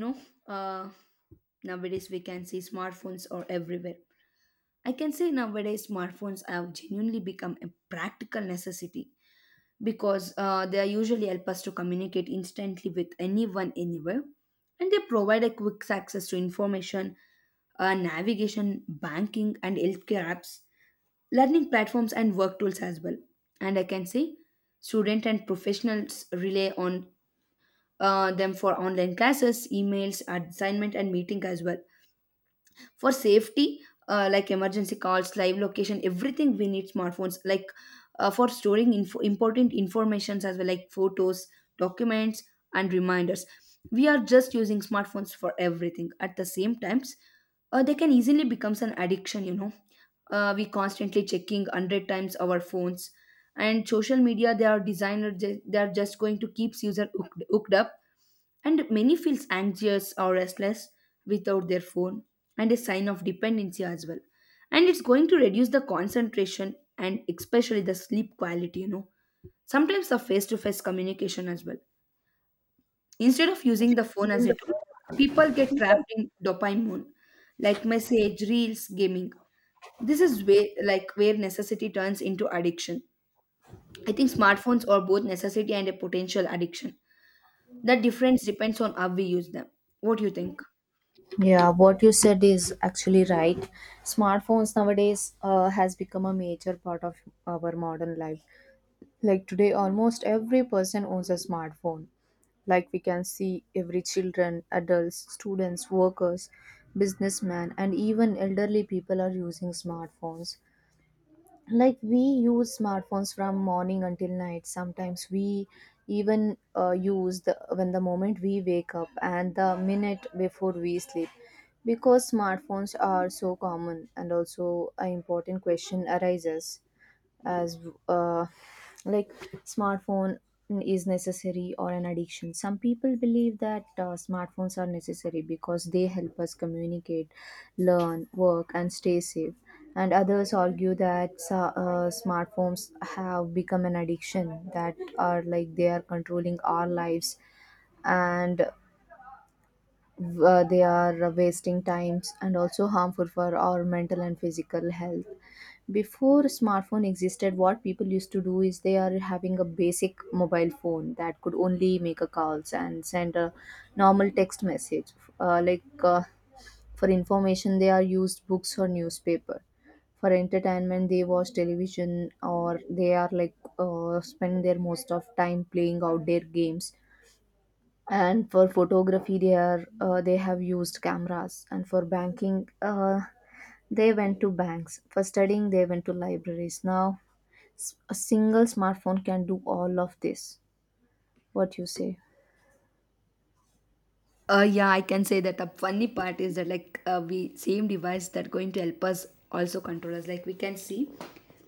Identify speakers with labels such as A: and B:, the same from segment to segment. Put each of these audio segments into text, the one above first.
A: No, uh, nowadays we can see smartphones are everywhere. I can say nowadays smartphones have genuinely become a practical necessity because they are usually help us to communicate instantly with anyone anywhere, and they provide a quick access to information, navigation, banking, and healthcare apps, learning platforms, and work tools as well. And I can say student and professionals rely on them for online classes, emails, assignment, and meeting as well for safety, like emergency calls, live location, everything we need smartphones like for storing info, important informations as well, like photos, documents, and reminders. We are just using smartphones for everything at the same times. Uh, they can easily becomes an addiction. We constantly checking 100 times our phones, and social media, they are designed or ju- they are just going to keep user hooked, hooked up, and many feels anxious or restless without their phone, and a sign of dependency as well. And it's going to reduce the concentration, and especially the sleep quality, sometimes the face to face communication as well. Instead of using the phone as a tool, people get trapped in dopamine, like message, reels, gaming. This is where necessity turns into addiction. I think smartphones are both necessity and a potential addiction. The difference depends on how we use them. What do you think?
B: Yeah, what you said is actually right. Smartphones nowadays has become a major part of our modern life. Like today, almost every person owns a smartphone. Like we can see every children, adults, students, workers, businessmen, and even elderly people are using smartphones, like we use smartphones from morning until night. Sometimes we even use the when the moment we wake up and the minute before we sleep, because smartphones are so common. And also an important question arises as uh, like, smartphone is necessary or an addiction? Some people believe that smartphones are necessary because they help us communicate, learn, work, and stay safe, and others argue that smartphones have become an addiction that are, like, they are controlling our lives, and they are wasting times and also harmful for our mental and physical health. Before smartphone existed, what people used to do is they are having a basic mobile phone that could only make a calls and send a normal text message. Uh, like uh, for information, they are used books or newspaper. For entertainment, they watch television, or they are like spend their most of time playing outdoor games. And for photography, they are they have used cameras. And for banking, they went to banks. For studying, they went to libraries. Now, a single smartphone can do all of this. What you say?
A: Yeah, I can say that the funny part is that like we same device that going to help us also control us. Like we can see,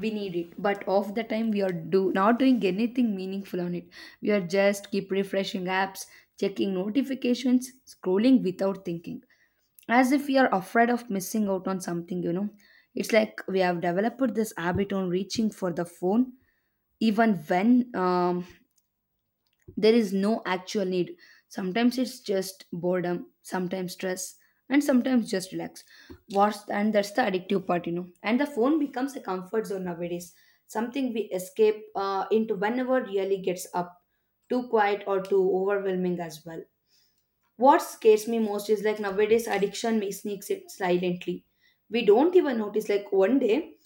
A: we need it, but off the time we are do not doing anything meaningful on it. We are just keep refreshing apps, checking notifications, scrolling without thinking, as if we are afraid of missing out on something. You know, it's like we have developed this habit on reaching for the phone even when there is no actual need. Sometimes it's just boredom, sometimes stress, and sometimes just relax. What's and that's the addictive part, you know. And the phone becomes a comfort zone nowadays, something we escape into whenever really gets up, too quiet or too overwhelming as well. What scares me most is like nowadays addiction may sneaks it silently. We don't even notice. Like one day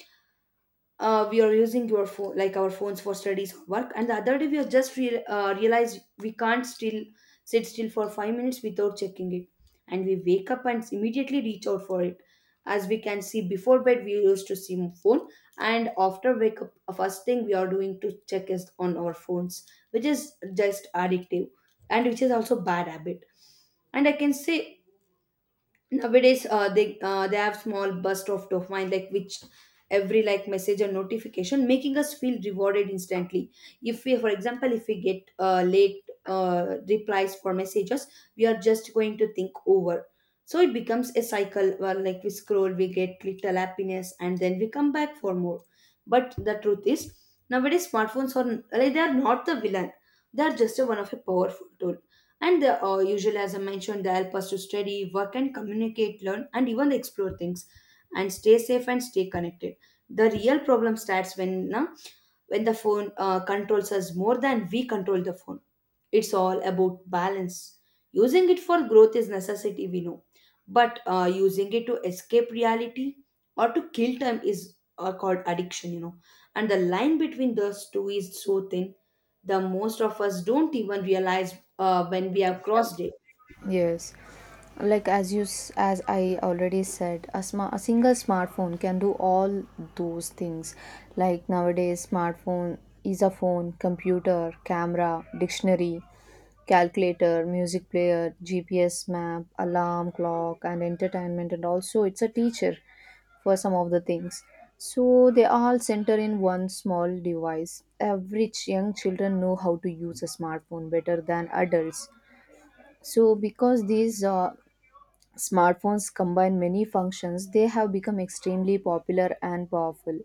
A: we are using your phone like our phones for studies or work, and the other day we have just realized we can't still sit still for 5 minutes without checking it. And we wake up and immediately reach out for it. As we can see, before bed we used to see phone, and after wake up first thing we are doing to check is on our phones, which is just addictive, and which is also bad habit. And I can say nowadays they have small burst of dopamine, like which every like message or notification making us feel rewarded instantly. If we, for example, if we get late replies for messages, we are just going to think over. So it becomes a cycle where like we scroll, we get little happiness, and then we come back for more. But the truth is, nowadays smartphones are, like, they are not the villain. They are just a one of a powerful tool, and the usual, as I mentioned, they help us to study, work, and communicate, learn, and even explore things, and stay safe and stay connected. The real problem starts when, na, when the phone controls us more than we control the phone. It's all about balance. Using it for growth is necessity we know, but using it to escape reality or to kill time is called addiction, and the line between those two is so thin. The most of us don't even realize when we have crossed it.
B: Yes, like as you as I already said, a smart a single smartphone can do all those things. Like nowadays, smartphone is a phone, computer, camera, dictionary, calculator, music player, GPS map, alarm clock, and entertainment, and also it's a teacher for some of the things. So they all center in one small device. Average young children know how to use a smartphone better than adults, so, because these smartphones combine many functions, they have become extremely popular and powerful.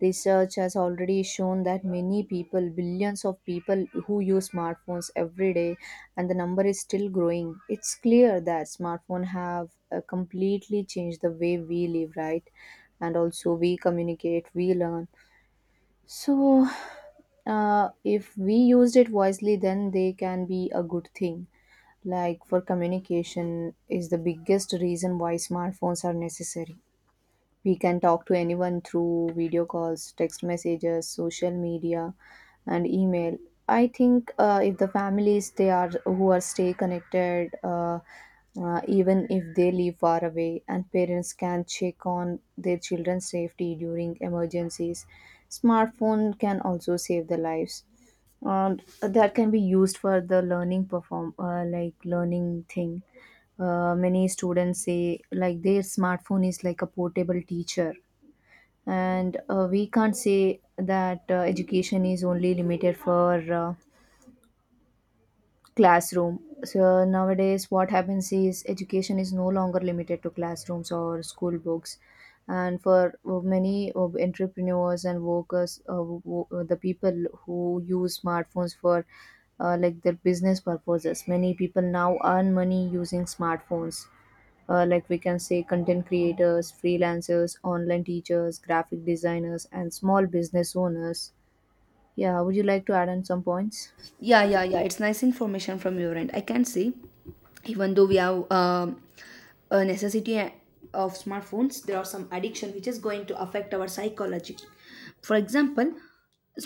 B: Research has already shown that many people, billions of people who use smartphones every day, and the number is still growing. It's clear that smartphones have completely changed the way we live, right? And also we communicate, we learn. So, if we used it wisely, then they can be a good thing. Like, for communication is the biggest reason why smartphones are necessary. We can talk to anyone through video calls, text messages, social media, and email. I think if the families, they are who are stay connected even if they live far away, and parents can check on their children's safety during emergencies. Smartphone can also save their lives, and that can be used for the learning perform, like learning thing. Uh, many students say like their smartphone is like a portable teacher. And we can't say that education is only limited for classroom. So nowadays what happens is education is no longer limited to classrooms or school books. And for many of entrepreneurs and workers, the people who use smartphones for like their business purposes, many people now earn money using smartphones, like we can say content creators, freelancers, online teachers, graphic designers, and small business owners. Yeah, would you like to add on some points?
A: Yeah, yeah, yeah. It's nice information from your end. I can see, even though we have a necessity of smartphones, there are some addiction which is going to affect our psychology. For example,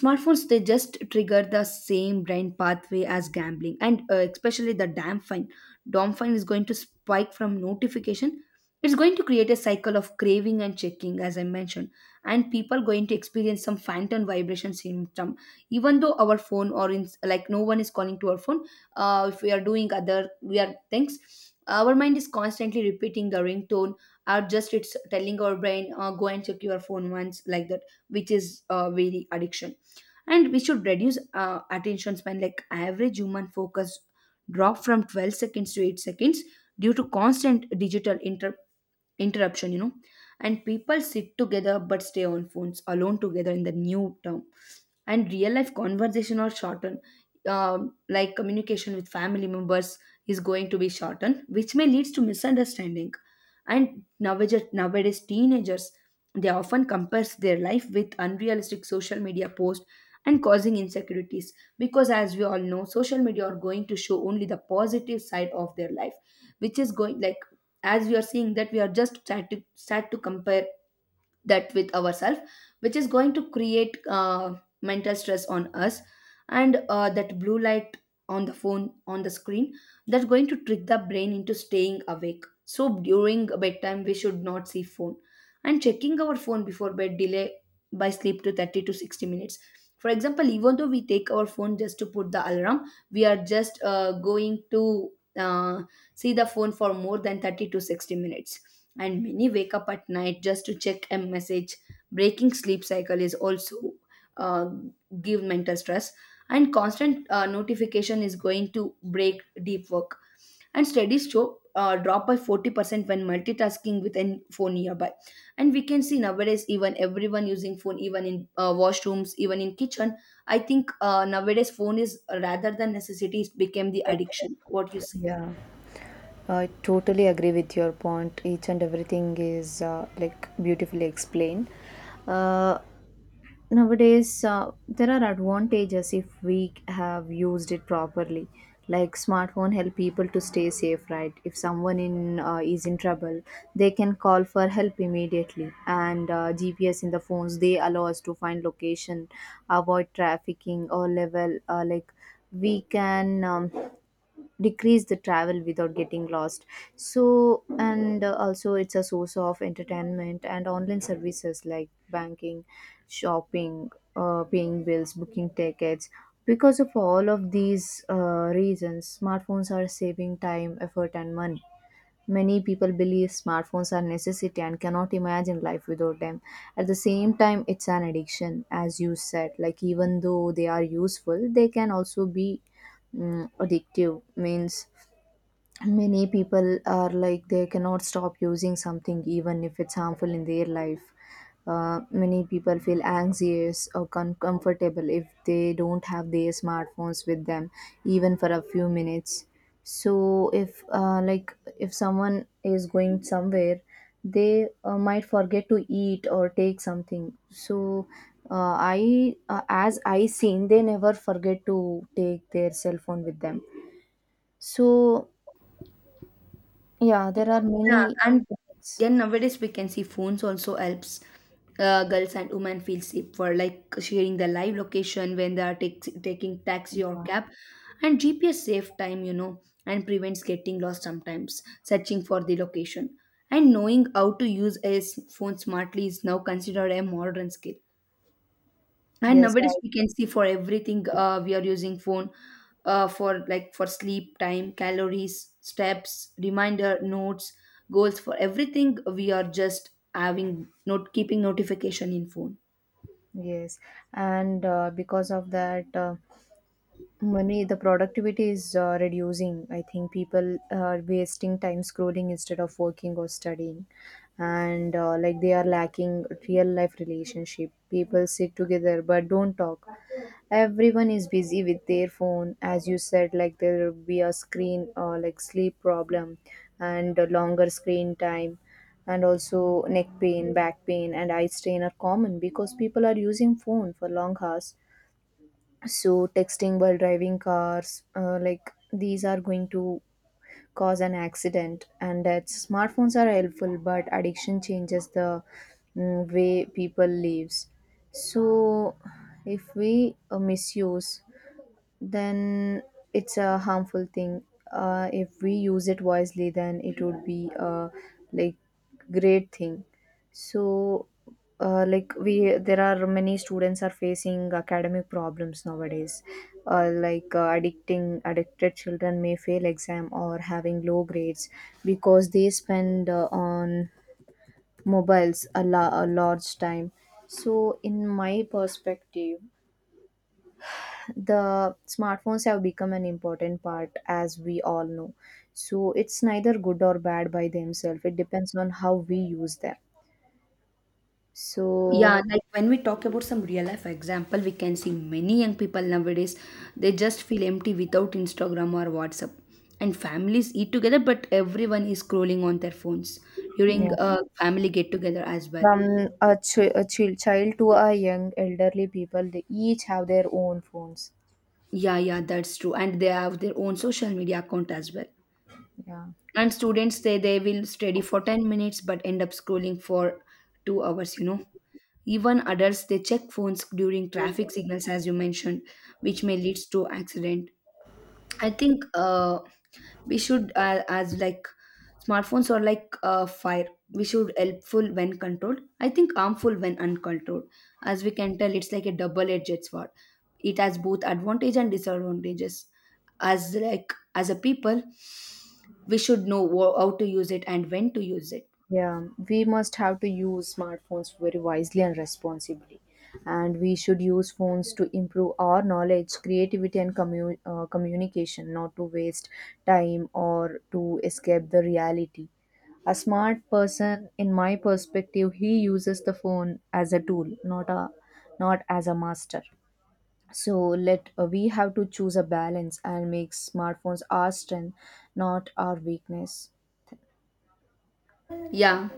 A: smartphones they just trigger the same brain pathway as gambling, and especially the dopamine. Dopamine is going to spike from notification. It's going to create a cycle of craving and checking, as I mentioned, and people going to experience some phantom vibration symptom. Even though our phone or in like no one is calling to our phone, if we are doing other we are things, our mind is constantly repeating the ringtone, or just it's telling our brain, go and check your phone once like that, which is very addiction. And we should reduce attention span, like average human focus drop from 12 seconds to 8 seconds due to constant digital interruption, you know. And people sit together but stay on phones alone together in the new term, and real life conversation are shortened, like communication with family members is going to be shortened, which may leads to misunderstanding. And nowadays teenagers, they often compares their life with unrealistic social media posts and causing insecurities, because as we all know social media are going to show only the positive side of their life, which is going like, as we are seeing that we are just trying to start to compare that with ourselves, which is going to create mental stress on us. And that blue light on the phone, on the screen, that's going to trick the brain into staying awake, so during bedtime we should not see phone. And checking our phone before bed delay by sleep to 30 to 60 minutes. For example, even though we take our phone just to put the alarm, we are just going to uh, see the phone for more than 30 to 60 minutes. And many wake up at night just to check a message. Breaking sleep cycle is also, uh, give mental stress. And constant notification is going to break deep work, and studies show drop by 40% when multitasking with a phone nearby. And we can see nowadays even everyone using phone, even in washrooms, even in kitchen. I think nowadays phone is, rather than necessity, it became the addiction. What you say?
B: Yeah. I totally agree with your point. Each and everything is like beautifully explained. Uh, Nowadays there are advantages if we have used it properly. Like, smartphone help people to stay safe, right? If someone in is in trouble, they can call for help immediately. And gps in the phones, they allow us to find location, avoid trafficking, or level, like, we can decrease the travel without getting lost. So, and also it's a source of entertainment and online services like banking, shopping, paying bills, booking tickets. Because of all of these reasons, smartphones are saving time, effort, and money. Many people believe smartphones are necessity and cannot imagine life without them. At the same time, it's an addiction, as you said. Like, even though they are useful, they can also be addictive. Means many people are like, they cannot stop using something even if it's harmful in their life. Uh, many people feel anxious or uncomfortable if they don't have their smartphones with them even for a few minutes. So if like, if someone is going somewhere, they might forget to eat or take something. So I as I seen, they never forget to take their cell phone with them. So yeah, there are
A: Yeah,
B: many
A: and
B: Yeah. effects.
A: then nowadays we can see phones also helps girls and women feel safe for like sharing the live location when they are taking taxi or
B: Yeah.
A: cab, and GPS save time, you know, and prevents getting lost sometimes searching for the location. And knowing how to use a phone smartly is now considered a modern skill. And
B: Yes,
A: nowadays
B: right.
A: we can see for everything we are using phone, for like for sleep time, calories, steps, reminder, notes, goals, for everything we are just having not keeping notification in phone.
B: Yes. And because of that, money, the productivity is reducing. I think people are wasting time scrolling instead of working or studying. And like, they are lacking real life relationship. People sit together but don't talk. Everyone is busy with their phone. As you said, like, there will be a screen or like sleep problem and a longer screen time. And also neck pain, back pain, and eye strain are common because people are using phone for long hours. So, texting while driving cars, like, these are going to cause an accident. And that smartphones are helpful, but addiction changes the way people lives. So if we misuse, then it's a harmful thing. If we use it wisely, then it would be a, like, great thing. So, like, we, there are many students are facing academic problems nowadays. Addicting addicted children may fail exam or having low grades because they spend on mobiles a large time. So, in my perspective, the smartphones have become an important part, as we all know. So it's neither good or bad by themselves. It depends on how we use them. So
A: Yeah, like when we talk about some real life example, we can see many young people nowadays, they just feel empty without instagram or whatsapp, and families eat together but everyone is scrolling on their phones during
B: yeah,
A: a family get together as well.
B: from a, ch- a chil- child to a young elderly people, they each have their own phones.
A: Yeah, yeah, that's true. And they have their own social media account as well.
B: Yeah.
A: And students say they will study for 10 minutes but end up scrolling for 2 hours, you know. Even adults they check phones during traffic signals as you mentioned, which may leads to accident. I think, we should, as like smartphones are like fire. We should helpful when controlled. I think harmful when uncontrolled. As we can tell, it's like a double-edged sword. It has both advantage and disadvantages. As like as a people, we should know how to use it and when to use it.
B: Yeah, we must have to use smartphones very wisely and responsibly. And we should use phones to improve our knowledge, creativity, and communication, not to waste time or to escape the reality. A smart person, in my perspective, he uses the phone as a tool, not a not as a master. So let we have to choose a balance and make smartphones our strength, not our weakness.
A: Yeah.